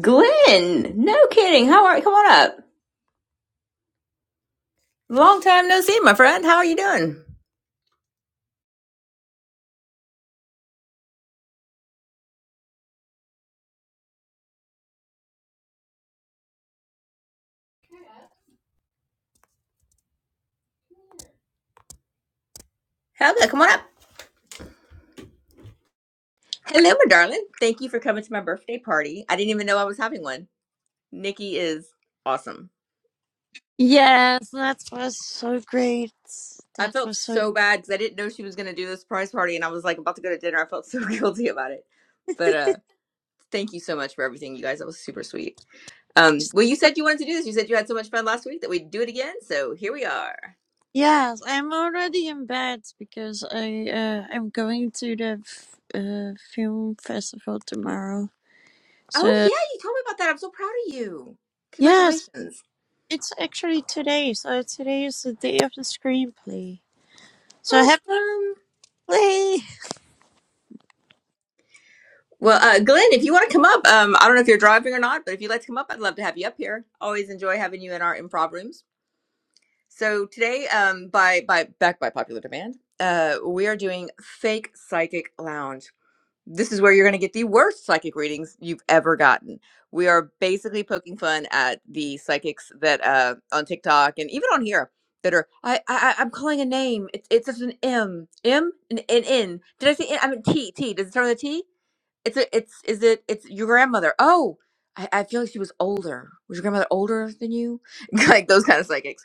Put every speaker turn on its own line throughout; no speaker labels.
Glenn, no kidding. How are you? Come on up. Long time no see, my friend. How are you doing? Hello, come on up. Hello, my darling. Thank you for coming to my birthday party. I didn't even know I was having one. Nikki is awesome.
Yes, that was so great.
I
That
felt
was so
so bad because I didn't know she was going to do this surprise party, and I was like about to go to dinner. I felt so guilty about it. But uh thank you so much for everything, you guys. That was super sweet. Um,
nice.
well, you said you wanted to do this. You said you had so much fun last week that we'd do it again. So here we are.
Yes, I'm already in bed because I uh, I'm going to the f- uh, film festival tomorrow.
Oh,
So
yeah, you told me about that. I'm so proud of you.
yes,
Congratulations.
it's actually today. So today is the day of the screenplay. So happy
Awesome.
play.
Well, uh, Glenn, if you want to come up, um, I don't know if you're driving or not, but if you'd like to come up, I'd love to have you up here. Always enjoy having you in our improv rooms. So today, um, by by back by popular demand, uh, we are doing Fake Psychic Lounge. this is where you're going to get the worst psychic readings you've ever gotten. We are basically poking fun at the psychics that uh, on TikTok and even on here that are I, I I- I'm calling a name. It's it's just an M M and an N. Did I say N? I mean T T. Does it start with a T? It's a it's is it it's your grandmother. Oh, I, I feel like she was older. Was your grandmother older than you? like those kind of psychics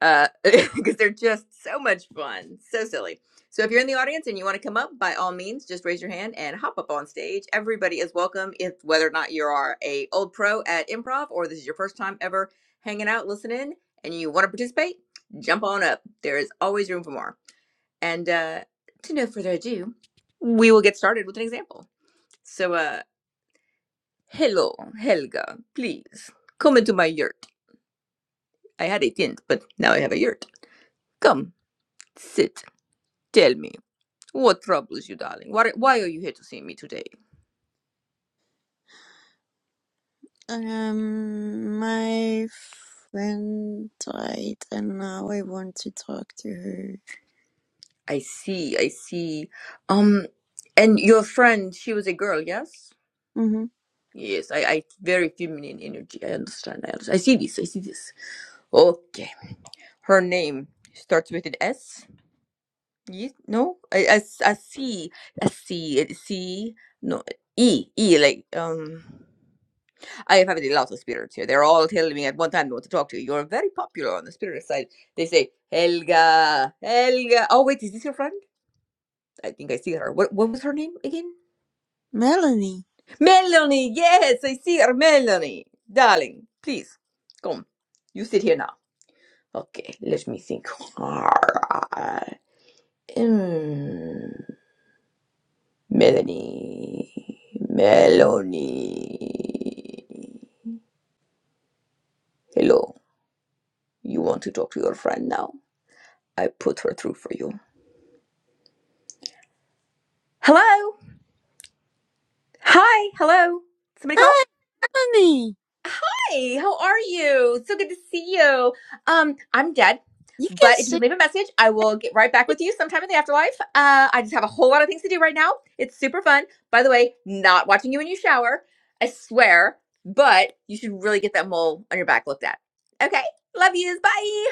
uh, because they're just so much fun, so silly. So if you're in the audience and you want to come up, by all means, just raise your hand and hop up on stage. Everybody is welcome, if whether or not you are a old pro at improv or this is your first time ever hanging out, listening, and you want to participate, jump on up. There is always room for more. And uh, to no further ado, we will get started with an example. So, uh, hello, Helga, please come into my yurt. I had a tent, but now I have a yurt. Come, sit, tell me. What troubles you, darling? Why, why are you here to see me today?
Um, my friend died, and now I want to talk to her.
I see, I see. Um, and your friend, she was a girl, yes?
hmm
Yes, I, I very feminine energy. I understand. I, understand. I see this. I see this. Okay. Her name starts with an S. Yes? No, I, I, s- I see. I see. I see. No, E. E. Like um. I have had lots of spirits here. They're all telling me at one time they want to talk to you. You're very popular on the spirit side. They say, Helga, Helga. Oh, wait, is this your friend? I think I see her. What, what was her name again?
Melanie.
Melanie. Yes, I see her. Melanie. Darling, please, come. You sit here now. Okay, let me think. Mm, Melanie. Melanie. Hello. You want to talk to your friend now? I put her through for you. Hello. Hi. Hello. Somebody called?
Hi, Melanie.
Hey, how are you? So good to see you. Um, I'm dead,
You can
but if you
sing.
leave a message, I will get right back with you sometime in the afterlife. Uh, I just have a whole lot of things to do right now. It's super fun. By the way, not watching you when you shower, I swear, but you should really get that mole on your back looked at. Okay. Love yous. Bye.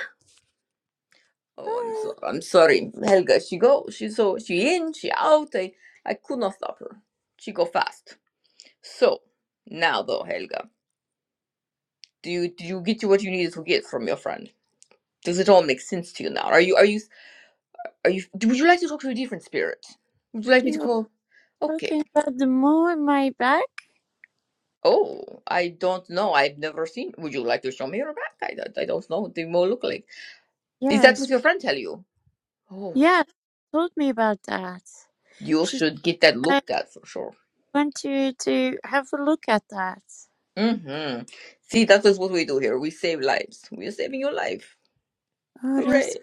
Oh, I'm so
Hi.
I'm sorry. Helga, she go. She's so she in, she out. I I could not stop her. She go fast. So, now though, Helga, do you do you get you what you needed to get from your friend? Does it all make sense to you now? Are you are you are you? do- Would you like to talk to a different spirit? Would you like me
She
to
was
call? Okay.
talking about the mole in my back.
Oh, I don't know. I've never seen. Would you like to show me your back? I, don't- I don't know what they more look like. Is that what
Yes.
your friend tell you? Oh,
Yes. Told me about that.
you
She said,
should get that
I
looked at for sure.
want you to have a look at that.
Mm-hmm. See, that is what we do here. We save lives. We are saving your life.
Oh, that's.
Hooray!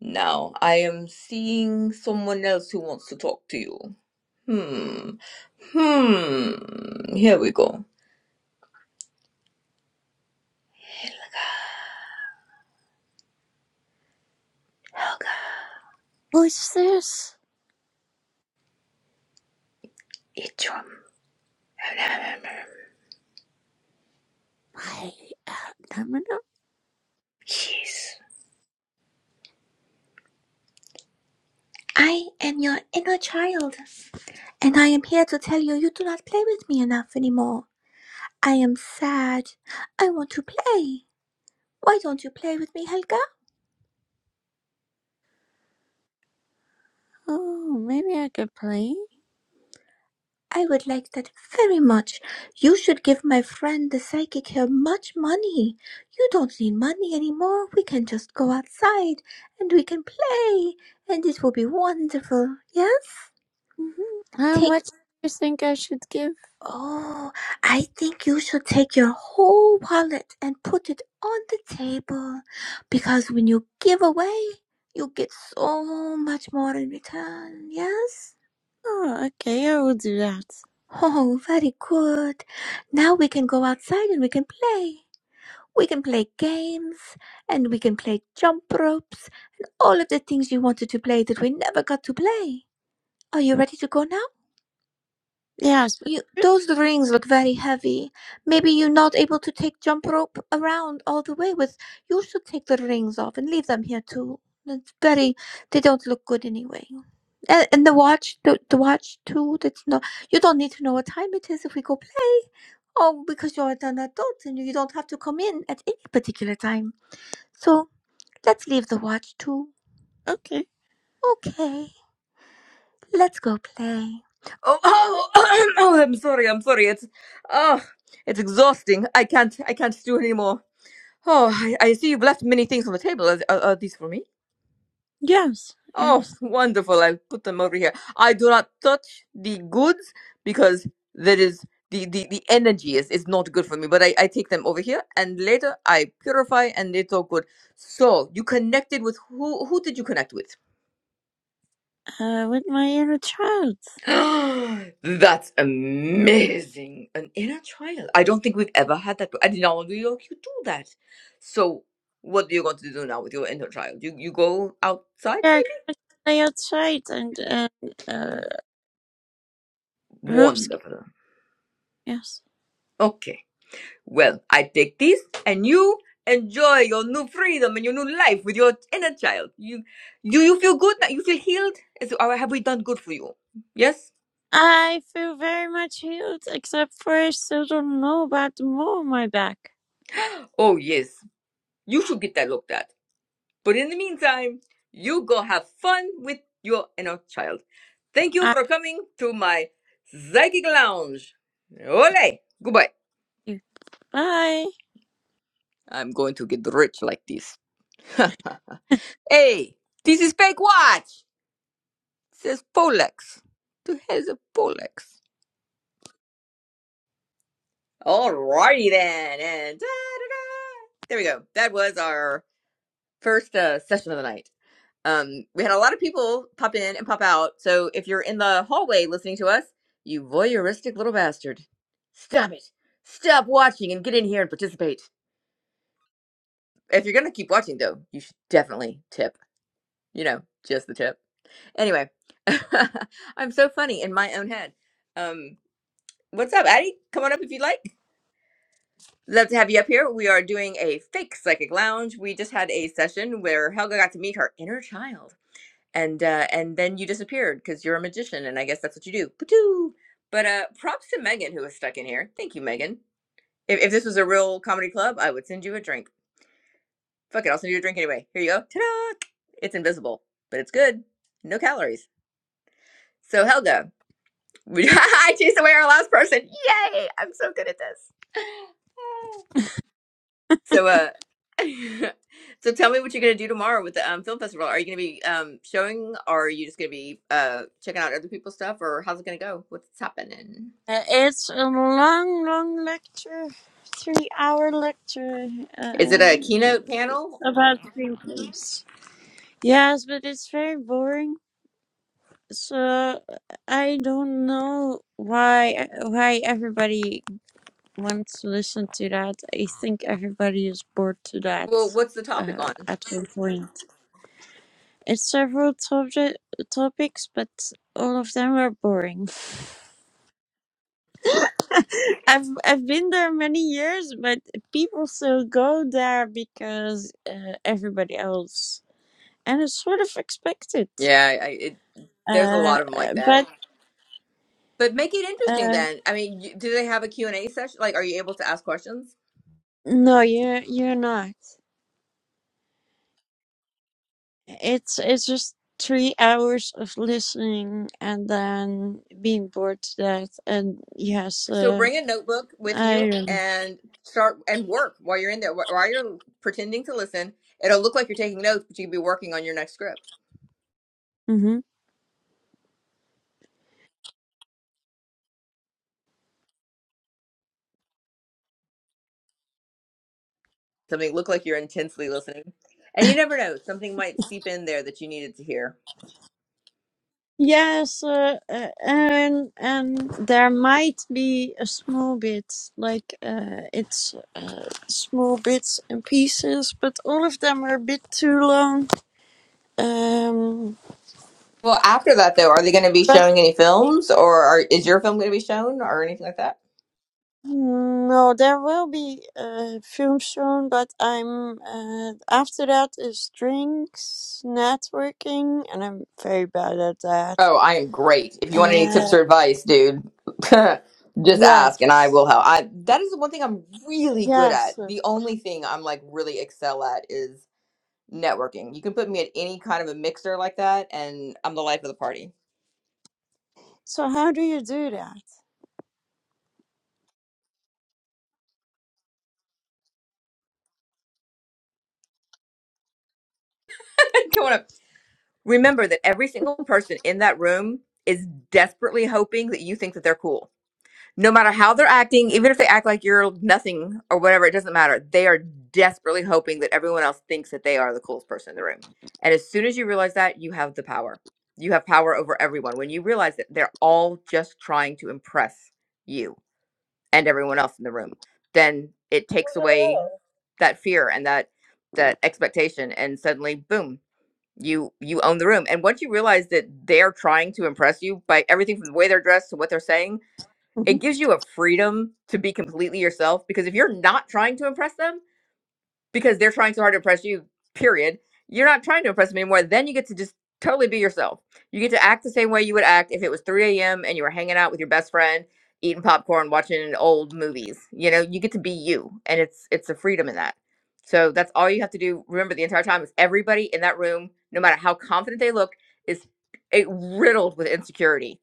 Now I am seeing someone else who wants to talk to you. Hmm. Hmm. Here we go. Helga
What's this?
Idrum.
My abdominal?
Yes. I am your inner child, and I am here to tell you you do not play with me enough anymore. I am sad. I want to play. Why don't you play with me, Helga?
Oh, maybe I could play.
I would like that very much. You should give my friend the psychic here much money. You don't need money anymore. We can just go outside and we can play, and it will be wonderful. Yes?
Mm-hmm. How
Take.
much do you think I should give?
Oh, I think you should take your whole wallet and put it on the table. Because when you give away, you get so much more in return. Yes?
Oh, okay. I will do that.
Oh, very good. Now we can go outside and we can play. We can play games and we can play jump ropes and all of the things you wanted to play that we never got to play. Are you ready to go now?
Yes.
You, those rings look very heavy. Maybe you're not able to take jump rope around all the way with. You should take the rings off and leave them here too. It's very, they don't look good anyway. And, and the watch, the, the watch too, that's not, you don't need to know what time it is if we go play. Oh, because you're an adult and you don't have to come in at any particular time. So Let's leave the watch too.
But okay.
Okay, let's go play. Oh, oh, oh, I'm sorry, I'm sorry. It's, oh, it's exhausting. I can't, I can't do anymore. Oh, I, I see you've left many things on the table. Are, are, are these for me?
Yes.
Oh,
Yes.
wonderful. I'll put them over here. I do not touch the goods because that is the, the, the energy is, is not good for me. But I, I take them over here and later I purify and it's all good. So you connected with who? Who did you connect with?
Uh, with my inner child.
That's amazing. An inner child. I don't think we've ever had that. And now in New York, you do that. So, what are you going to do now with your inner child? You you go outside,
Yeah,
maybe?
I play outside and, and uh, Oops,
Wonderful.
yes.
Okay. Well, I take this, and you enjoy your new freedom and your new life with your inner child. You do you feel good? now? You feel healed? Is, or have we done good for you? Yes.
I feel very much healed, except for I still don't know about the mole on my back.
Oh yes. You should get that looked at. But in the meantime, you go have fun with your inner child. Thank you
I,
for coming to my psychic lounge. Ole, goodbye.
bye.
I'm going to get rich like this. hey, this is fake watch. It says Polex. The here's a Polex. Alrighty then, and da-da-da. there we go. That was our first uh, session of the night. Um, we had a lot of people pop in and pop out. So if you're in the hallway listening to us, you voyeuristic little bastard, stop it. Stop watching and get in here and participate. If you're going to keep watching, though, you should definitely tip. You know, just the tip. Anyway, I'm so funny in my own head. Um, what's up, Addie? Come on up if you'd like. Love to have you up here. We are doing a fake psychic lounge. We just had a session where Helga got to meet her inner child and uh, and then you disappeared because you're a magician, and I guess that's what you do. Patoo! But uh, props to Megan who was stuck in here. Thank you, Megan. If, if this was a real comedy club, I would send you a drink. Fuck it, I'll send you a drink anyway. Here you go. Ta-da! It's invisible, but it's good. No calories. So Helga, I chased away our last person. Yay! I'm so good at this. So, uh, so tell me what you're gonna do tomorrow with the um, film festival. Are you gonna be um showing, or are you just gonna be uh checking out other people's stuff, or how's it gonna go? What's happening?
Uh, It's a long, long lecture, three hour lecture
Is it a
uh,
keynote panel?
about screenplays. Yes, but it's very boring. So I don't know why why everybody wants to listen to that. I think everybody is bored to that
Well, what's the topic
uh,
on?
at one point. It's several subject topics, but all of them are boring. I've I've been there many years, but people still go there because uh, everybody else, and it's sort of expected.
Yeah, I, I- it, there's a
Uh,
lot of them
uh,
like that.
but
But make it interesting
uh,
then. I mean, you- do they have a Q and a session? Like, are you able to ask questions?
no, you you're not. It's it's just three hours of listening and then being bored to death, and yes,
So
uh,
bring a notebook with you
I don't know.
and start and work while you're in there. Wh- While you're pretending to listen, it'll look like you're taking notes, but you could be working on your next script.
Mm-hmm.
Something look like you're intensely listening. And you never know, something might seep in there that you needed to hear.
Yes, uh, uh, and and there might be a small bit, like uh, it's uh, small bits and pieces, but all of them are a bit too long. Um,
Well, after that though, are they going to be
but
showing any films, or are, is your film going to be shown, or anything like that?
no, there will be a film soon. But I'm uh, after that is drinks, networking, and I'm very bad at that.
Oh, I am great. If you want any tips
Uh,
or advice, dude, just ask, and I
yes,
will help. I that is the one thing I'm really good
yes.
at. The only thing I'm like really excel at is networking. You can put me at any kind of a mixer like that, and I'm the life of the party.
So how do you do that?
Come on up. Remember that every single person in that room is desperately hoping that you think that they're cool. No matter how they're acting, even if they act like you're nothing or whatever, it doesn't matter. They are desperately hoping that everyone else thinks that they are the coolest person in the room. And as soon as you realize that, you have the power. You have power over everyone when you realize that they're all just trying to impress you and everyone else in the room. Then it
Well,
takes away
hello.
that fear and that that expectation and suddenly boom you you own the room and once you realize that they're trying to impress you by everything from the way they're dressed to what they're saying it gives you a freedom to be completely yourself because if you're not trying to impress them because they're trying so hard to impress you, period. You're not trying to impress them anymore. Then you get to just totally be yourself. You get to act the same way you would act if it was 3 a.m. and you were hanging out with your best friend, eating popcorn, watching old movies. You know, you get to be you. And it's it's a freedom in that. So that's all you have to do. Remember the entire time is everybody in that room, no matter how confident they look, is eh, riddled with insecurity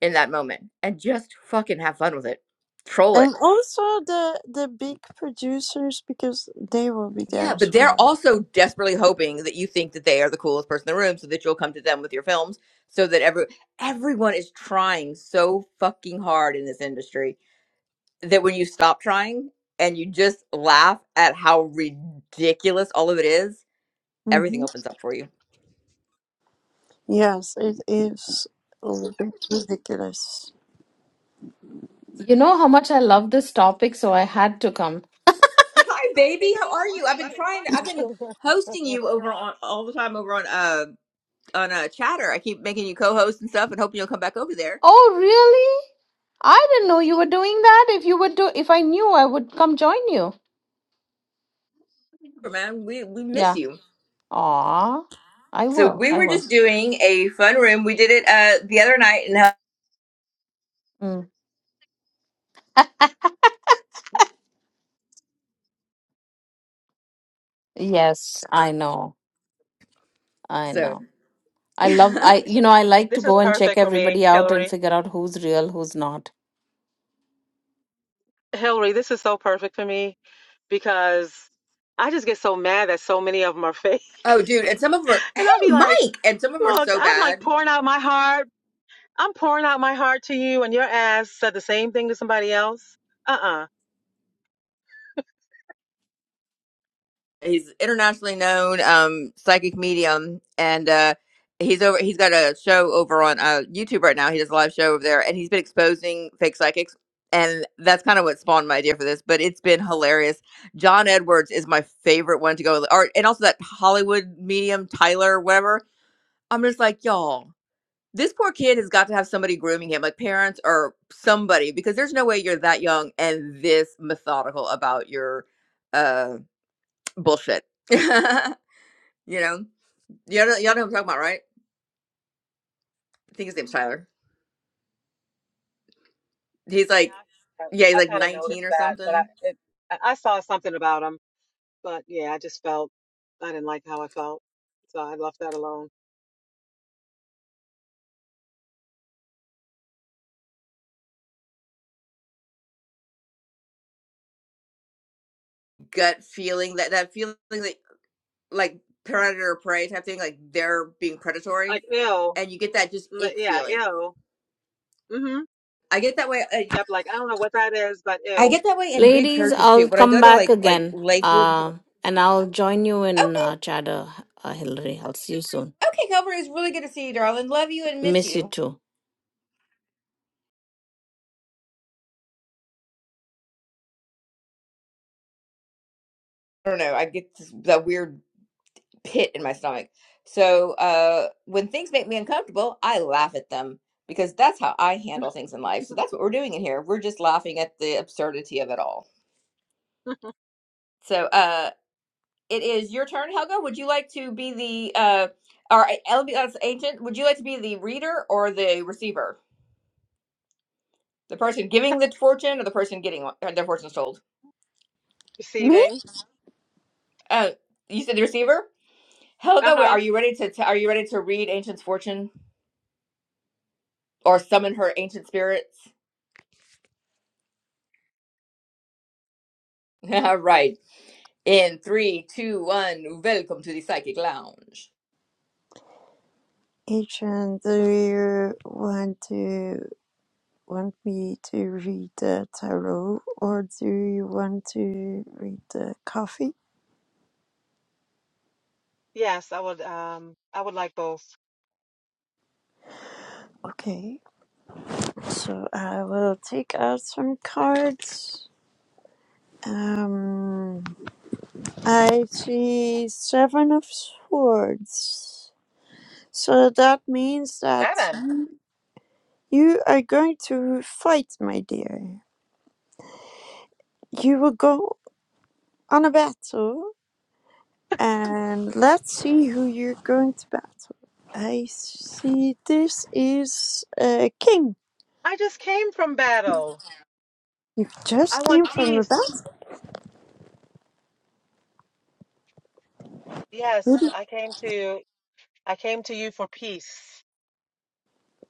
in that moment. And just fucking have fun with it. Troll it
And also the the big producers because they will be there
Yeah,
as
but they're
well.
also desperately hoping that you think that they are the coolest person in the room so that you'll come to them with your films so that every everyone is trying so fucking hard in this industry that when you stop trying and you just laugh at how ridiculous all of it is, everything
hmm
opens up for you.
Yes, it is a little bit ridiculous.
You know how much I love this topic, so I had to come.
Hi, baby. How are you? I've been trying. I've been hosting you over on all the time over on uh on uh Chatter. I keep making you co-host and stuff, and hoping you'll come back over there.
Oh, really? I didn't know you were doing that. If you would do, if I knew, I would come join you.
Man, we we miss
Yeah.
you.
Aw, I
So
will.
we
I
were
will.
just doing a fun room. We did it uh the other night, and
Mm. Yes, I know. I
so
know. I love, I, you know, I like to
This is
go and check
perfect for me,
everybody out and
Hillary.
figure out who's real, who's not.
Hillary, this is so perfect for me because I just get so mad that so many of them are fake.
oh, dude, and some of them are hey,
And I'll be like,
Mike, and some of them are
look,
so
I'm like
bad.
pouring out my heart. I'm pouring out my heart to you, and your ass said the same thing to somebody else. Uh uh
he's internationally known um psychic medium and uh he's over he's got a show over on uh youtube right now he does a live show over there and he's been exposing fake psychics and that's kind of what spawned my idea for this but it's been hilarious john edwards is my favorite one to go with, or and also that hollywood medium tyler whatever i'm just like y'all this poor kid has got to have somebody grooming him like parents or somebody because there's no way you're that young and this methodical about your uh bullshit You know, y'all know, y'all know who I'm talking about, right? I think his name's Tyler. He's like,
Yeah,
yeah, he's
I, I
like
kind of
19
noticed
or
that, but I,
something.
it, I I saw something about them. But yeah, I just felt I didn't like how I felt. So I left that alone.
Gut feeling that that feeling like like predator or prey type thing, like they're being
Like,
predatory,
ew.
and you get that just
Mm,
ick
Yeah,
feeling.
ew. Mm hmm.
I get that way. I,
Yep, like, I don't know what that is, but
I
ew.
get that way in big
Ladies,
churches too.
I'll
When I
come
go to
back
like like
again.
Lakewood, and stuff,
Uh, and I'll join you in
okay,
uh, Chatter, uh, Hillary. I'll see you soon.
okay, Calvary is really good to see you, darling. Love you and miss
Miss you
you.
too.
I don't know. I get this, that weird pit in my stomach. So uh, when things make me uncomfortable, I laugh at them because that's how I handle things in life. So that's what we're doing in here. We're just laughing at the absurdity of it all. So uh, it is your turn, Helga. Would you like to be the uh, or LBS agent? Would you like to be the reader or the receiver? The person giving the fortune or the person getting one- their fortunes told?
Me?
Receiving.
Uh, you said the receiver. Helga,
Uh-huh.
are you ready to? are you ready to read Ancient's fortune or summon her ancient spirits? All right. In three, two, one, welcome to the Psychic Lounge.
Adrian, do you want to want me to read the tarot or do you want to read the coffee?
Yes, I would um I would like both.
Okay, so I will take out some cards. Um, I see seven of swords. So that means that
Shannon,
you are going to fight, my dear. You will go on a battle, and let's see who you're going to battle. I see this is a king.
I just came from battle.
You
I
just
want
came from a
peace.
battle, Who
Yes,
did-
I came to I came to you for peace.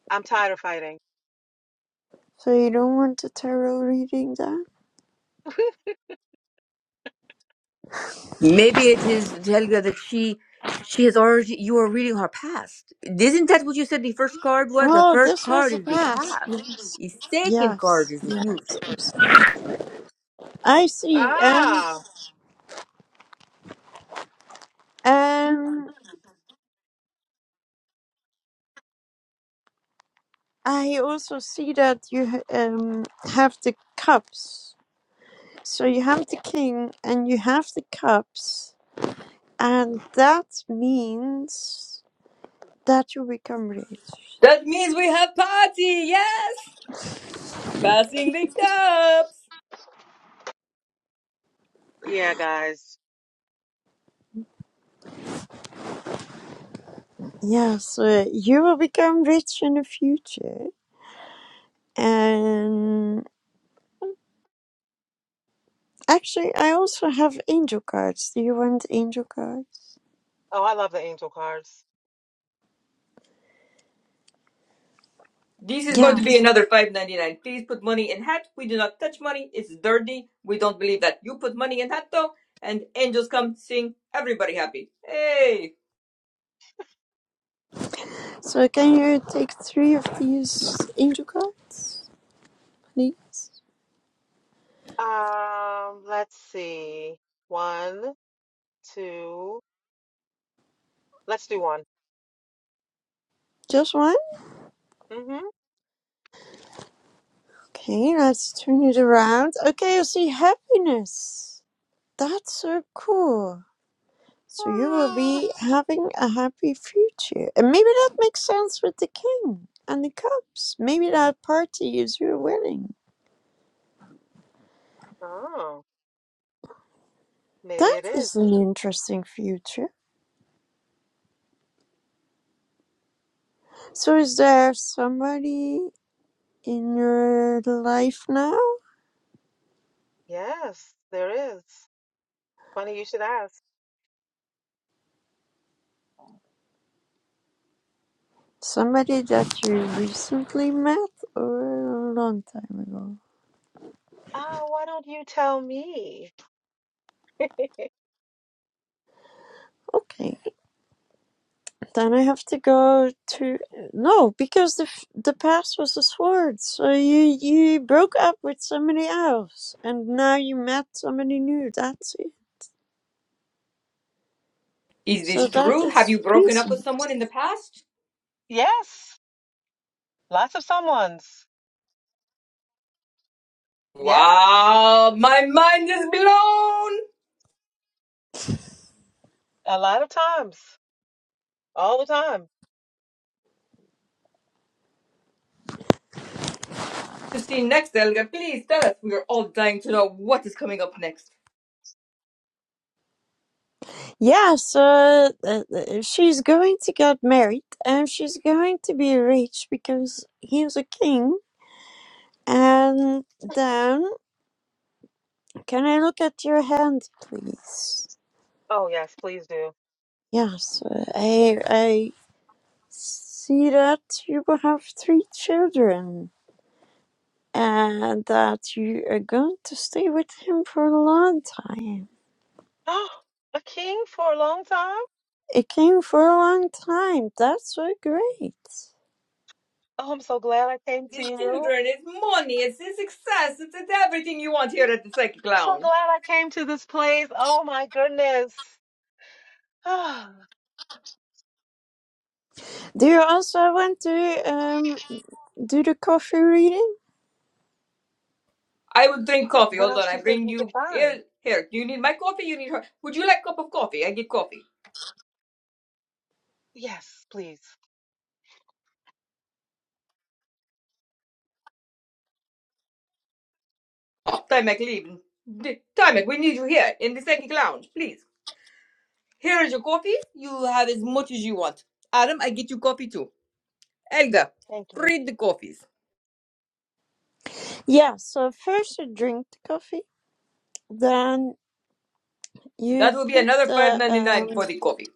I'm tired of fighting.
so you don't want a tarot reading then?
Maybe it is Helga that she she has already you are reading her past. Isn't that what you said the first card was? The
Oh,
first
this was
card
a
is the
past.
past.
Yes,
The second card
yes.
is the future.
yes. I see, and
Ah.
and I also see that you ha- um, have the cups. So you have the king and you have the cups, and that means that you become rich.
That means we have party, yes! Passing the cup!
Yeah, guys.
Yes, uh, you will become rich in the future. And actually, I also have angel cards. Do you want angel cards?
Oh, I love the angel cards.
This is going to be
Yes.
another five ninety nine. Please put money in hat. We do not touch money. It's dirty. We don't believe that. You put money in hat though, and angels come sing everybody happy. Hey,
So can you take three of these angel cards, please?
Um, let's see. One, two. Let's do one.
Just one?
Mm-hmm.
Okay, let's turn it around. Okay, I see happiness. That's so cool. So you will
Ah.
be having a happy future. And maybe that makes sense with the king and the cups. Maybe that party is your wedding.
Oh, maybe
That
it is.
is an interesting future. So is there somebody in your life now?
Yes, there is. Funny you should ask.
Somebody that you recently met or a long time ago?
Ah, why don't you tell me?
Okay. Then I have to go to no, because the the past was a sword. So you you broke up with somebody else, and now you met somebody new. That's it.
is
So
this
that
true? Have
is
you broken up with
reason.
someone in the past?
Yes, lots of someones. Yes,
Wow, my mind is blown.
a lot of times, all the time.
To see next, Elga, please tell us. We are all dying to know what is coming up next.
Yeah. So uh, uh, she's going to get married, and she's going to be rich because he's a king. And then, can I look at your hand, please?
Oh, yes, please do.
Yes, uh, I I see that you will have three children and that you are going to stay with him for a long time.
Oh, a king for a long time?
A king for a long time. That's so great.
Oh, I'm so glad I came to
It's
you.
children, it's money, it's, it's success, it's, it's everything you want here at the Psychic
so
Lounge.
glad I came to this place. Oh, my goodness. Ah,
Do you also want to um, do the coffee reading?
I would drink coffee.
what
Hold
else
on,
do
I
you think
bring
we could
you
find?
here. Here, do you need my coffee? You need her. Would you like a cup of coffee? I get coffee.
Yes, please.
Oh, Timek, leave. D- Timek, we need you here in the second lounge, please. Here is your coffee. You have as much as you want. Adam, I get you coffee too. Elga,
Thank you.
read the coffees.
Yeah, so first you drink the coffee, then you
That will be
put
another five
the
ninety
um,
nine for the coffee.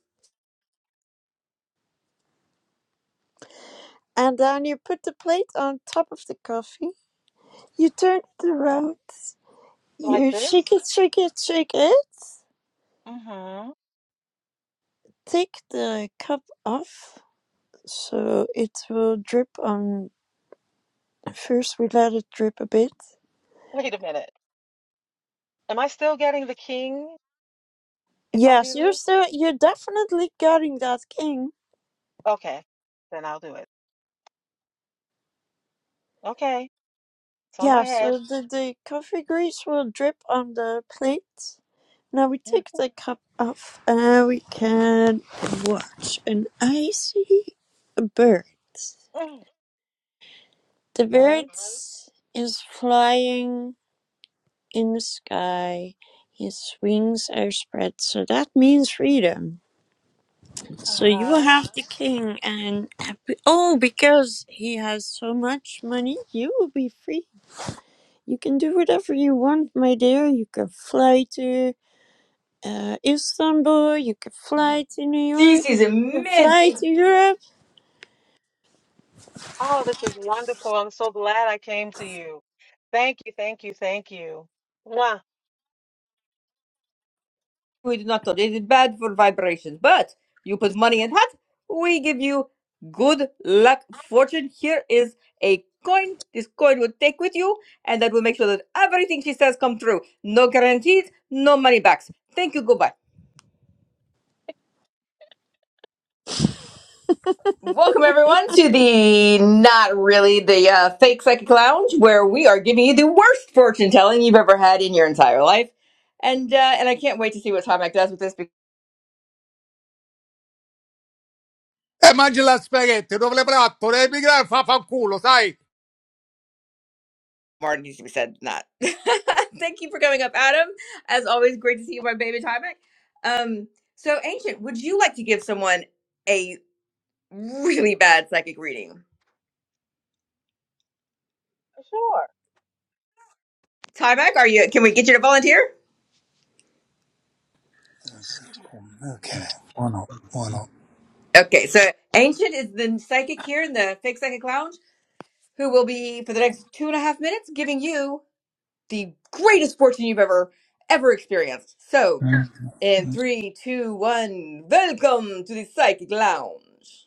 and then you put the plate on top of the coffee. You turn it around.
Like
You shake
this?
it, shake it, shake it
Mm-hmm.
Take the cap off so it will drip on. First, we let it drip a bit.
Wait a minute. Am I still getting the king if I
Yes,
do
you're
this?
still, you're definitely getting that king.
Okay, then I'll do it. Okay, it's on my
Yeah,
head.
so the, the coffee grease will drip on the plate. Now we
Mm,
take the cap off and we can watch an icy bird.
mm, A
The bird
bird?
is flying in the sky. His wings are spread, so that means freedom. So you will
Uh-huh.
have the king, and oh, because he has so much money, you will be free. You can do whatever you want, my dear. You can fly to uh, Istanbul, you can fly to New York,
This is
you can fly
amazing.
to Europe.
Oh, this is wonderful. I'm so glad I came to you. Thank you, thank you, thank you. Mwah.
we do not touch. It is bad for vibrations. But you put money in hat, we give you good luck, fortune. Here is a coin. This coin will take with you, and that will make sure that everything she says come true. No guarantees, no money backs. Thank you. Goodbye. Welcome everyone to the not really the uh, fake psychic lounge where we are giving you the worst fortune telling you've ever had in your entire life, and uh, and I can't wait to see what Tomac does with this.
E mangi la spaghetti, dove le preatto, le migrare fa fanculo, sai?
More needs to be said than that. Thank you for coming up, Adam. As always, great to see you, my baby Tyvek. Um, so, Ancient, would you like to give someone a really bad psychic reading?
Sure.
Tyvek, are you? Can we get you to volunteer?
Okay.
Okay, so Ancient is the psychic here in the Fake Psychic Lounge, who will be for the next two and a half minutes giving you the greatest fortune you've ever ever experienced. So, in three, two, one, welcome to the Psychic Lounge.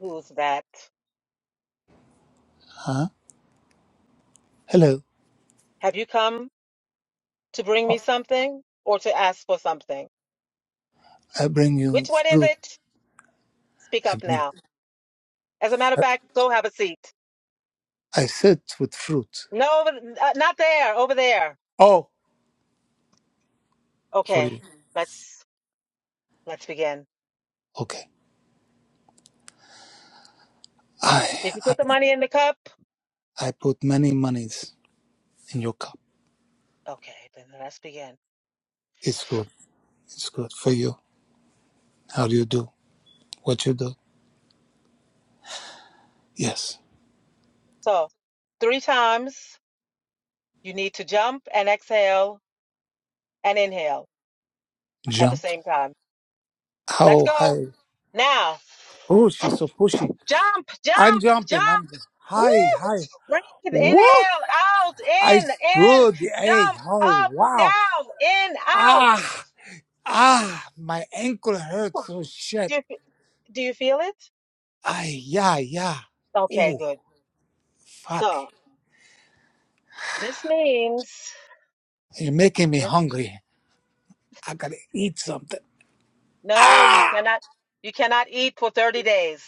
Who's that? Have you come to bring me something or to ask for something? Which one is it? Speak up now. As a matter of fact, go have a seat. No, over- uh, not there, over there.
Oh,
Okay, let's let's begin. Did you put the money in the cup? Okay, then let's begin. So, three times. You need to jump and exhale and inhale at the same time. Let's go. Now, jump, jump, jump. Woo! Breathe. Inhale, out, in, in, jump, up, down, in, out. Do you, do you feel it? Okay, good. So this means this. No, you cannot. You cannot eat for 30 days,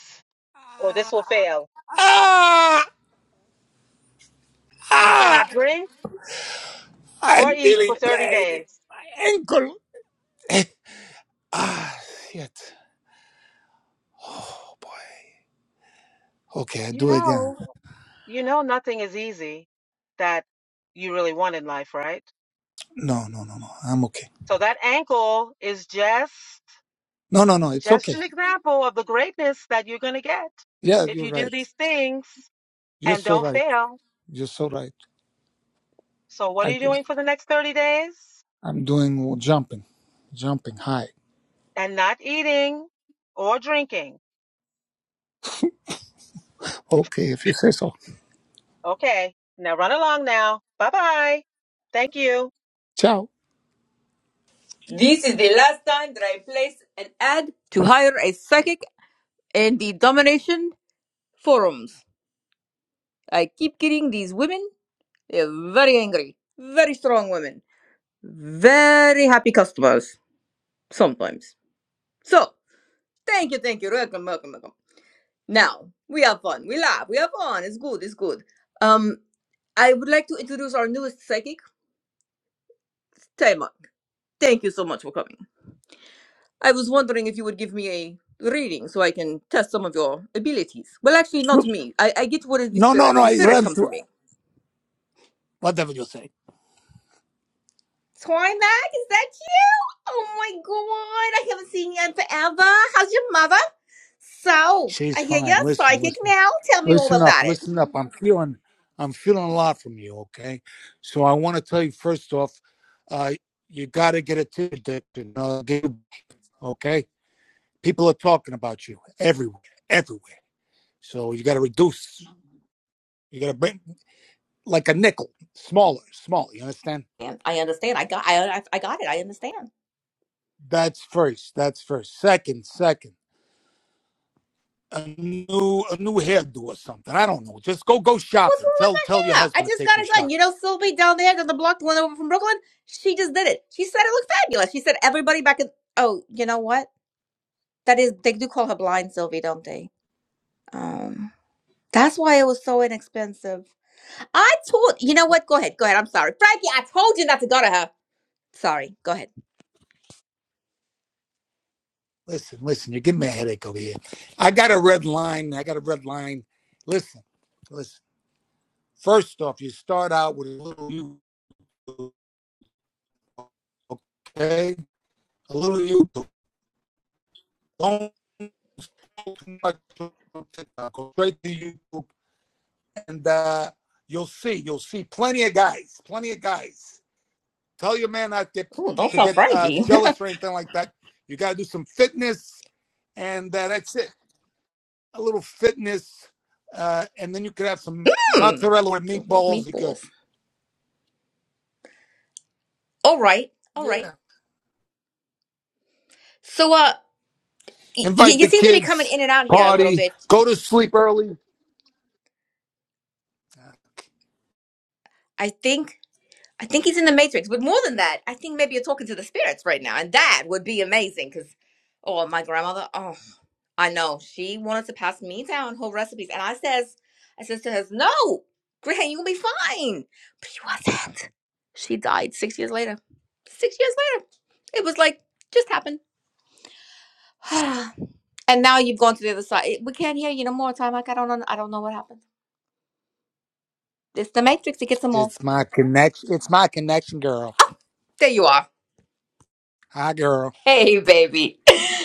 or this will fail. You cannot drink or eat for 30 days. You know. you know nothing is easy that you really want in life, right? So that ankle is just just an example of the greatness that you're going to get if you do these things and don't fail. So what are you doing for the next 30 days? And not eating or drinking. Okay. Now run along now. Bye-bye. Thank you.
This is the last time that I place an ad to hire a psychic in the domination forums. I keep getting these women. They're very angry, very strong women, very happy customers sometimes. So, thank you, thank you. Welcome, welcome, welcome. Now, we have fun. We laugh. We have fun. It's good. It's good. Um, I would like to introduce our newest psychic, Taima. Thank you so much for coming. I was wondering if you would give me a reading so I can test some of your abilities. Well, actually, not me. I, I get what is the spirit. The spirit come through me. Toymac, is that you? Oh my god, I haven't seen you in forever. How's your mother? So I hear you're psychic now. Tell me all about it. And I understand. I got. I I I got it. I understand. What's wrong with my hair? I just got it done. You know, Sylvie down there down the block, the one over from Brooklyn, she just did it. She said it looked fabulous. She said everybody back in. Oh, you know what? That is, they do call her blind Sylvie, don't they? Um, that's why it was so inexpensive. I told you know what? Go ahead, go ahead. I'm sorry, Frankie. I told you not to go to her. Sorry. Go ahead. Oh, don't tell Frankie. Hmm. Do love meatballs. All right. All right. So, uh, y- y- you seem to be coming in and out here a little bit. I think I think he's in the Matrix, but more than that, I think maybe you're talking to the spirits right now, and that would be amazing. Because, oh, my grandmother, oh, I know she wanted to pass me down her recipes, and I says, I says to her, no, Gran, you gonna be fine. But she wasn't. She died six years later. Six years later, it was like just happened. and now you've gone to the other side. It- We can't hear you no more, time. Like I don't, know, I don't know what happened. It's the Matrix. It gets them all. There you are. Hey, baby.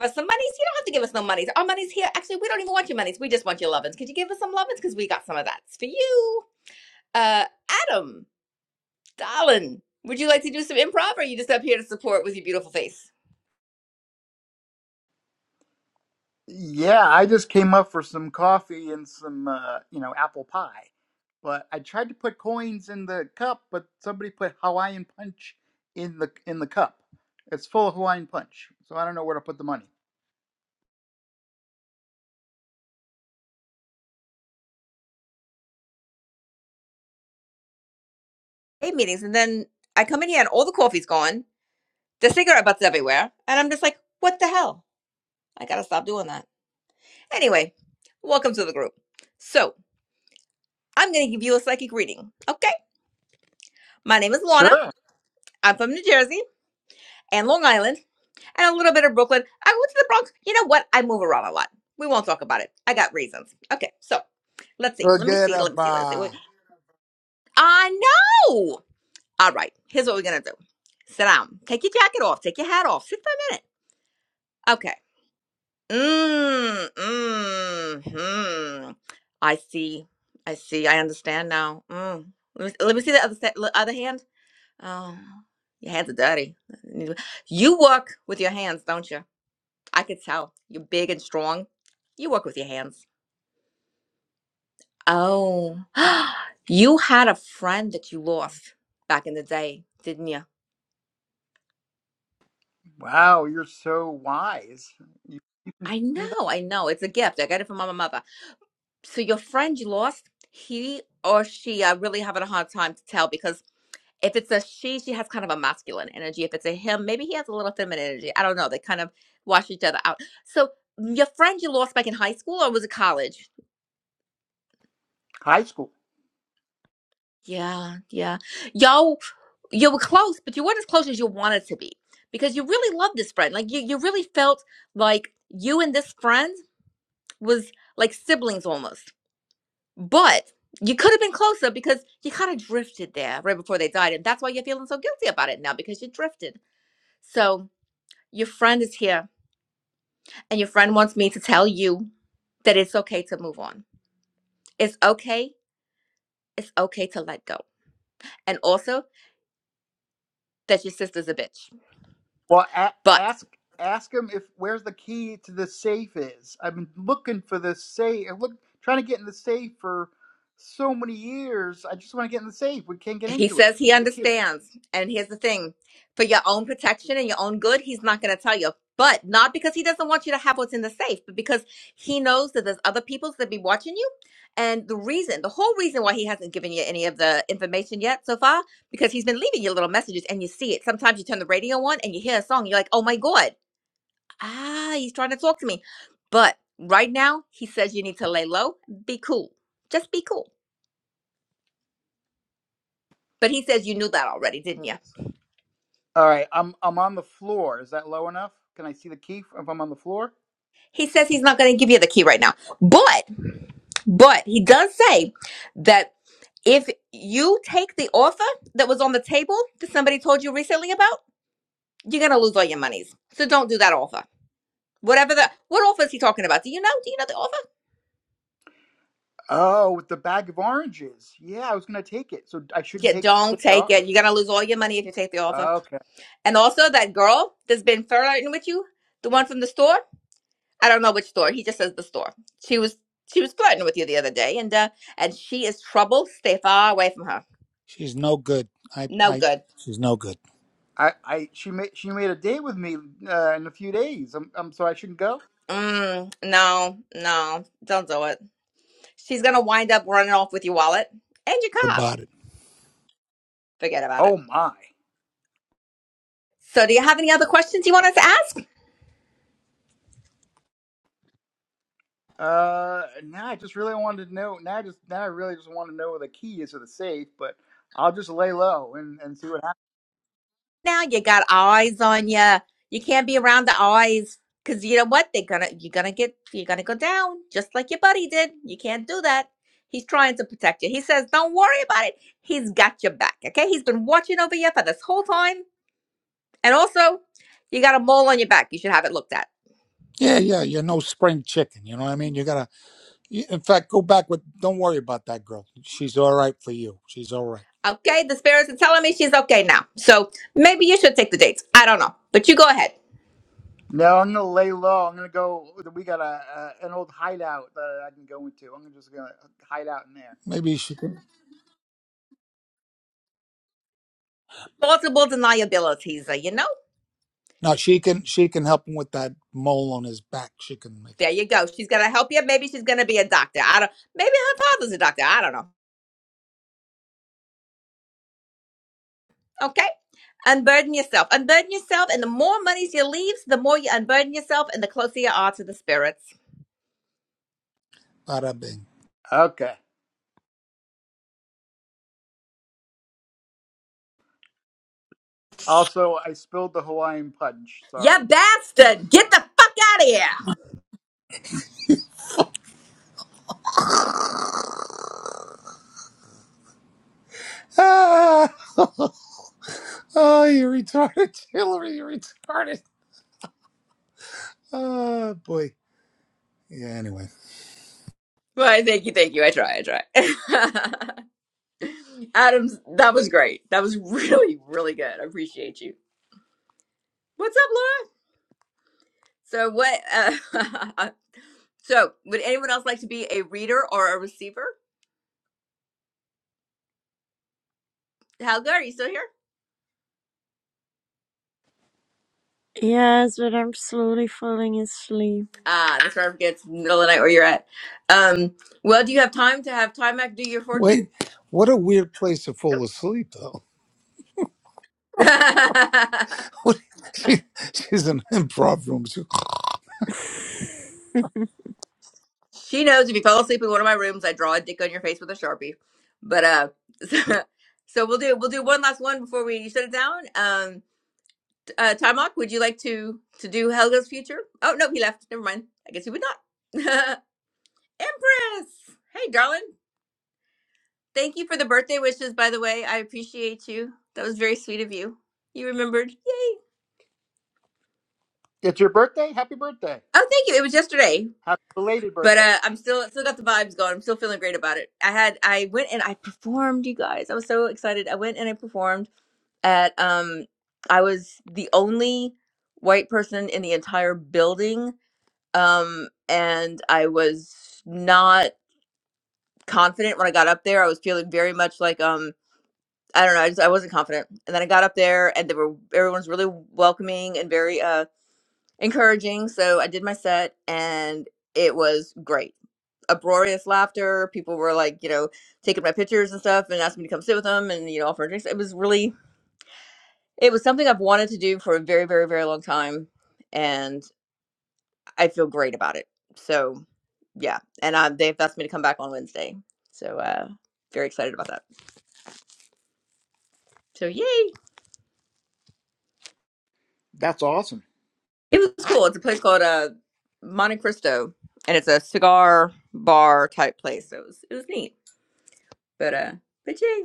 us some monies. You don't have to give us no monies. Our money's here. Actually, we don't even want your monies. We just want your lovins. Could you give us some lovins? Because we got some of that for you. Uh, Adam, darling, would you like to do some improv or are you just up here to support with your beautiful face?
Yeah, I just came up for some coffee and some, uh, you know, apple pie. But I tried to put coins in the cup, but somebody put Hawaiian punch in the in the cup. It's full of Hawaiian punch, so I don't know where to put the money.
Eight meetings. And then I come in here and all the coffee's gone, the cigarette butts everywhere. And I'm just like, what the hell? I got to stop doing that. Anyway, welcome to the group. So I'm going to give you a psychic reading. Okay. My name is Lorna.
Sure.
I'm from New Jersey and Long Island. and a little bit of Brooklyn. I went to the Bronx. You know what? I move around a lot. We won't talk about it. I got reasons. Okay, so let's see. Let me see. Let me see. Let's see. I know. All right. Here's what we're gonna do. Sit down. Take your jacket off. Take your hat off. Sit for a minute. Okay. Mmm. Mmm. Hmm. I see. I see. I understand now. Mm. Let me let me see the other se- the other hand. Oh, your hands are dirty. You work with your hands, don't you? I could tell you're big and strong. You work with your hands. Oh, you had a friend that you lost back in the day, didn't you?
Wow, you're so wise. You
I
see that?
know, I know. It's a gift. I got it from my mother. So your friend you lost, he or she are really having a hard time to tell because if it's a she, she has kind of a masculine energy. If it's a him, maybe he has a little feminine energy. I don't know. They kind of wash each other out. So your friend you lost back in high school or was it college?
High school.
Yeah, yeah. Y'all, you were close, but you weren't as close as you wanted to be because you really loved this friend. Like you, you really felt like you and this friend was like siblings almost. But you could have been closer because you kind of drifted there right before they died, and that's why you're feeling so guilty about it now because you drifted. So your friend is here, and your friend wants me to tell you that it's okay to move on. It's okay. It's okay to let go, and also that your sister's a bitch.
Well, a-
but.
ask ask him if where's the key to the safe is. I've been looking for the safe. Look, trying to get in the safe for so many years. I just want to get in the safe. We can't get
He
into it.
says he
Where's The key.
understands. And here's the thing for your own protection and your own good, he's not going to tell you. But not because he doesn't want you to have what's in the safe, but because he knows that there's other people that be watching you. And the reason, the whole reason why he hasn't given you any of the information yet so far, because he's been leaving you little messages and you see it. Sometimes you turn the radio on and you hear a song, you're like, oh my God, ah, he's trying to talk to me. But right now, he says you need to lay low, be cool, just be cool. But he says you knew that already, didn't you?
All right, I'm I'm on the floor. Is that low enough? Can I see the key if I'm on the floor?
He says he's not going to give you the key right now. But but he does say that if you take the offer that was on the table that somebody told you recently about, you're gonna lose all your monies. So don't do that offer. Whatever the what offer is he talking about? Do you know? Do you know the offer?
Oh, with the bag of oranges. Yeah, I was gonna take it, so I shouldn't
Yeah,
take
don't
it
take
off.
it. You're gonna lose all your money if you take the offer.
Okay.
And also that girl that's been flirting with you, the one from the store. I don't know which store. He just says the store. She was she was flirting with you the other day, and uh, and she is trouble. Stay far away from her. No good.
I, I she made she made a date with me uh, in a few days. I'm, I'm so I shouldn't go.
Mm, no, no, don't do it. She's gonna wind up running off with your wallet and your car. Forget about
Oh
it.
my.
So, do you have any other questions you want us to ask?
Uh, now I just really wanted to know. Now I just now I really just want to know where the key is to the safe, but I'll just lay low and, and see what happens.
Now you got eyes on you. You can't be around the eyes because you know what? They're gonna. You're gonna get. You're gonna go down just like your buddy did. You can't do that. He's trying to protect you. He says, "Don't worry about it. He's got your back. Okay? He's been watching over you for this whole time. And also, you got a mole on your back. You should have it looked at. Okay, the spirits are telling me she's okay now. So maybe you should take the dates. I don't know. But you go ahead.
No, I'm gonna lay low. I'm gonna go. We got a, a an old hideout that I can go into. I'm just gonna hide out in there.
Multiple deniabilities, uh, you know? There you go. She's gonna help you. Maybe she's gonna be a doctor. I don't maybe her father's a doctor. I don't know. Okay? Unburden yourself. Unburden yourself, and the more monies you leave, the more you unburden yourself and the closer you are to the spirits.
Okay. Also, I spilled the Hawaiian punch.
Yeah,
Sorry.
bastard! Get the fuck out of here! Well, thank you, thank you. I try, I try. Adams, that was great. That was really, really good. I appreciate you. What's up, Laura? So what? Uh, so would anyone else like to be a reader or a receiver? Helga, are you still here?
Yes, but I'm slowly falling asleep.
Ah, that's right. I forget it's middle of the night where you're at. Um, well, do you have time to have Timac do your fortune? Nope. She knows if you fall asleep in one of my rooms, I draw a dick on your face with a sharpie. But uh, so, we'll do we'll do one last one before we shut it down. Um, uh, Timok, would you like to to do Helga's future? Oh no, he left. Never mind. I guess he would not. Empress, hey darling, thank you for the birthday wishes. By the way, I appreciate you. That was very sweet of you. You remembered. Yay!
It's your birthday. Happy birthday.
Oh, thank you. It was yesterday.
Happy belated
But
birthday.
uh, I'm still still got the vibes going. I'm still feeling great about it. I had I went and I performed, you guys. I was so excited. I went and I performed at um I was the only white person in the entire building. Um and I was not confident when I got up there. I was feeling very much like um I don't know, I just I wasn't confident. And then I got up there and they were everyone's really welcoming and very uh encouraging. So I did my set and it was great uproarious laughter. People were like, you know, taking my pictures and stuff and asking me to come sit with them and, you know, offer drinks. It was really, it was something I've wanted to do for a very, very, very long time. And I feel great about it. So, yeah. And I, they've asked me to come back on Wednesday. So, uh, very excited about that. So, yay.
That's awesome.
It was cool. It's a place called uh, Monte Cristo and it's a cigar bar type place. So, it was, it was neat. But, uh, but yay.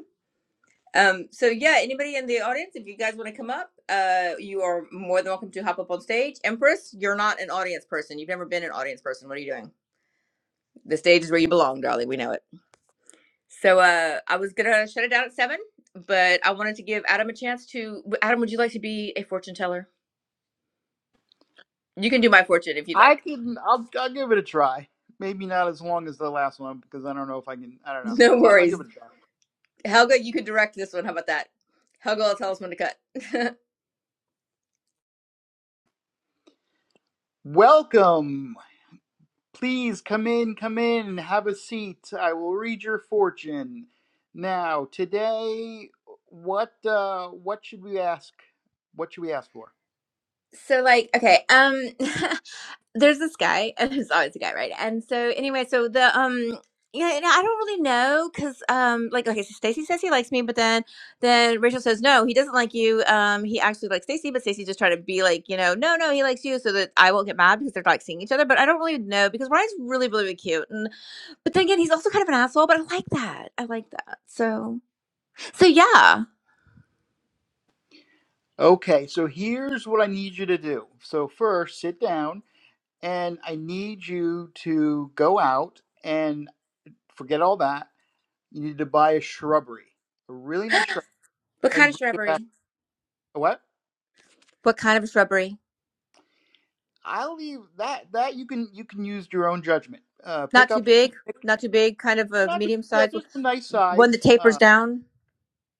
Um, so yeah, anybody in the audience, if you guys want to come up, uh, you are more than welcome to hop up on stage. Empress, you're not an audience person. You've never been an audience person. What are you doing? The stage is where you belong, darling. We know it. So uh, I was gonna shut it down at seven, but I wanted to give Adam a chance to. Adam, would you like to be a fortune teller? You can do my fortune if you'd
I
like.
can. I'll I'll give it a try. Maybe not as long as the last one because I don't know if I can. I don't know. I,
No
I'll, I'll
worries,
give it a try.
Helga. You can direct this one. How about that? Helga will tell us when to cut.
Welcome. Please come in, come in, and have a seat. I will read your fortune. Now, today, what uh, what should we ask? What should we ask for?
so like, okay, um. there's this guy and there's always a guy right and so anyway so the um yeah and i don't really know because um like okay so stacy says he likes me but then then rachel says no he doesn't like you um he actually likes stacy but stacy just tried to be like you know no no he likes you so that i won't get mad because they're like seeing each other but i don't really know because ryan's really really really cute and but then again he's also kind of an asshole but i like that i like that so so yeah
Okay, so here's what I need you to do. So first, sit down, and I need you to go out and forget all that. You need to buy a shrubbery, a really nice shrub,
what kind of
and
shrubbery
what?
what kind of shrubbery
I'll leave that. That you can you can use your own judgment. Uh,
Not
pick
too
up
big, not too big, kind of a
not just
medium
yeah,
size one
just a nice
one that
size.
tapers
uh,
down.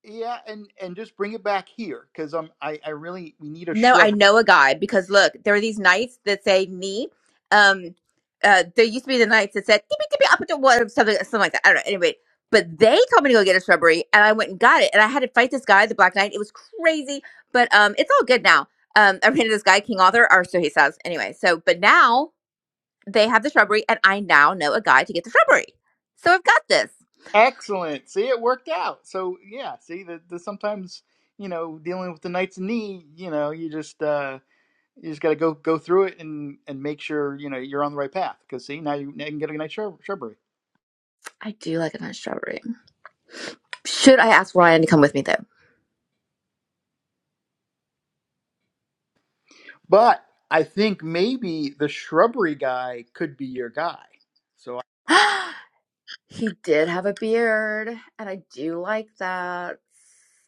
Yeah, and and just bring it back here because I'm I I really we need a
No, I
shrubbery.
know a guy because look, there are these nights that say me. Um, uh, there used to be the nights that said tippy tippy up to what or something something like that. I don't know. Anyway, but they told me to go get a shrubbery, and I went and got it, and I had to fight this guy, the Black Knight. It was crazy, but um, it's all good now. Um, I ran into this guy, King Arthur, or so he says. Anyway, so but now they have the shrubbery, and I now know a guy to get the shrubbery. So I've got this.
Excellent. See, it worked out. So yeah, see the, the sometimes you know dealing with the knight's knee, you know, you just uh you just got to go go through it and and make sure you know you're on the right path because see now you, now you can get a nice shrub, shrubbery.
I do like a nice shrubbery. Should I ask Ryan to come with me though?
But I think maybe the shrubbery guy could be your guy. So
he did have a beard, and I do like that.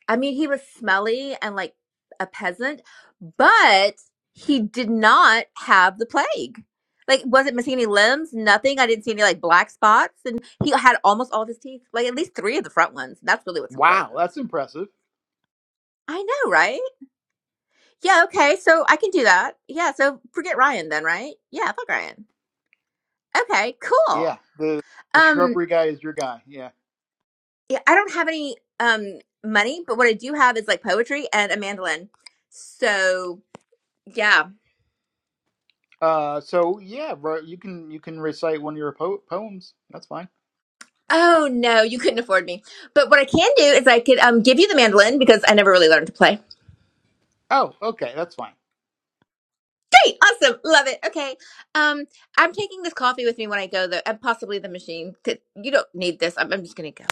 I mean, he was smelly and like a peasant, but he did not have the plague. Like, wasn't missing any limbs, nothing. I didn't see any like black spots, and he had almost all of his teeth, like at least three of the front ones. That's really what's
wow,
important.
that's impressive.
I know, right? Yeah, okay, so I can do that. Yeah, so forget Ryan then, right? Yeah, fuck Ryan. Okay,
Yeah,
cool.
the the
Um,
shrubbery guy is your guy. Yeah.
Yeah, I don't have any um money, but what I do have is like poetry and a mandolin. So yeah.
Uh, so yeah, bro, you can you can recite one of your po- poems. That's fine.
Oh no, you couldn't afford me. But what I can do is I could um give you the mandolin because I never really learned to play.
Oh, okay, that's fine.
Great, awesome, love it. Okay, um, I'm taking this coffee with me when I go though, and possibly the machine. 'cause You don't need this. I'm, I'm just gonna go.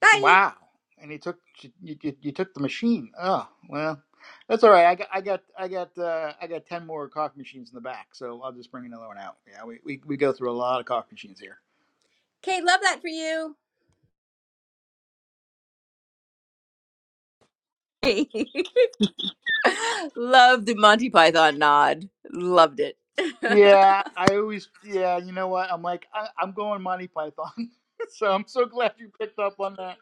Bye.
Wow. And you took you, you, you took the machine. Oh, well, that's all right. I got I got I got uh, I got ten more coffee machines in the back, so I'll just bring another one out. Yeah, we, we, we go through a lot of coffee machines here.
Okay, love that for you. Love the Monty Python nod. Loved it. the
Yeah, I always yeah. You know what? I'm like I, I'm going Monty Python, so I'm so glad you picked up on that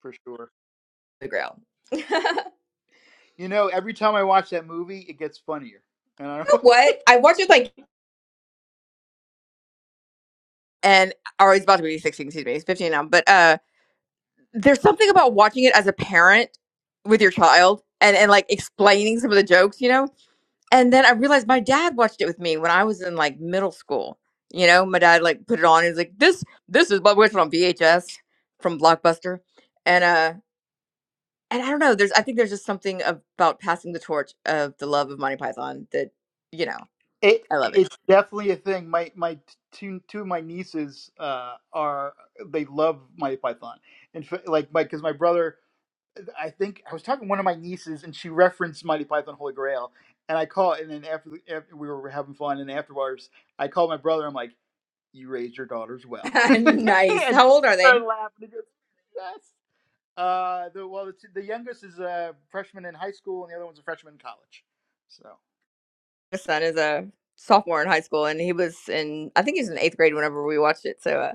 for sure.
The ground.
You know, every time I watch that movie, it gets funnier. And I don't
You know what? I watched it like and or he's about to be 16 excuse me he's 15 now but uh there's something about watching it as a parent with your child and and like explaining some of the jokes you know and then i realized my dad watched it with me when i was in like middle school you know my dad like put it on and he's like this this is what we watched it on vhs from blockbuster and uh and i don't know there's i think there's just something about passing the torch of the love of monty python that you know
It
I love it.
it's definitely a thing. My my two two of my nieces uh, are they love my Python and f- like my because my brother I think I was talking to one of my nieces and she referenced Mighty Python Holy Grail and I call and then after, after we were having fun and afterwards I called my brother I'm like you raised your daughters well I
nice.
just
How old are they?
started laughing he goes yes uh the well the, two- the youngest is a freshman in high school and the other one's a freshman in college so
My son is a sophomore in high school, and he was in, I think he was in eighth grade whenever we watched it. So, uh,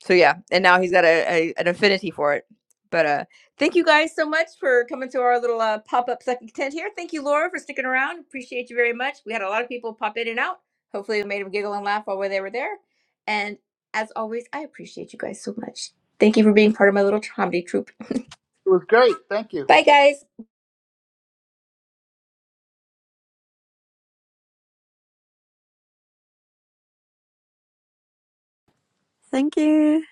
So yeah, and now he's got a, a an affinity for it. But uh thank you guys so much for coming to our little uh, pop-up second tent here. Thank you, Laura, for sticking around. Appreciate you very much. We had a lot of people pop in and out. Hopefully we made them giggle and laugh while they were there. And as always, I appreciate you guys so much. Thank you for being part of my little comedy troupe.
it was great thank you.
Bye guys.
Thank you.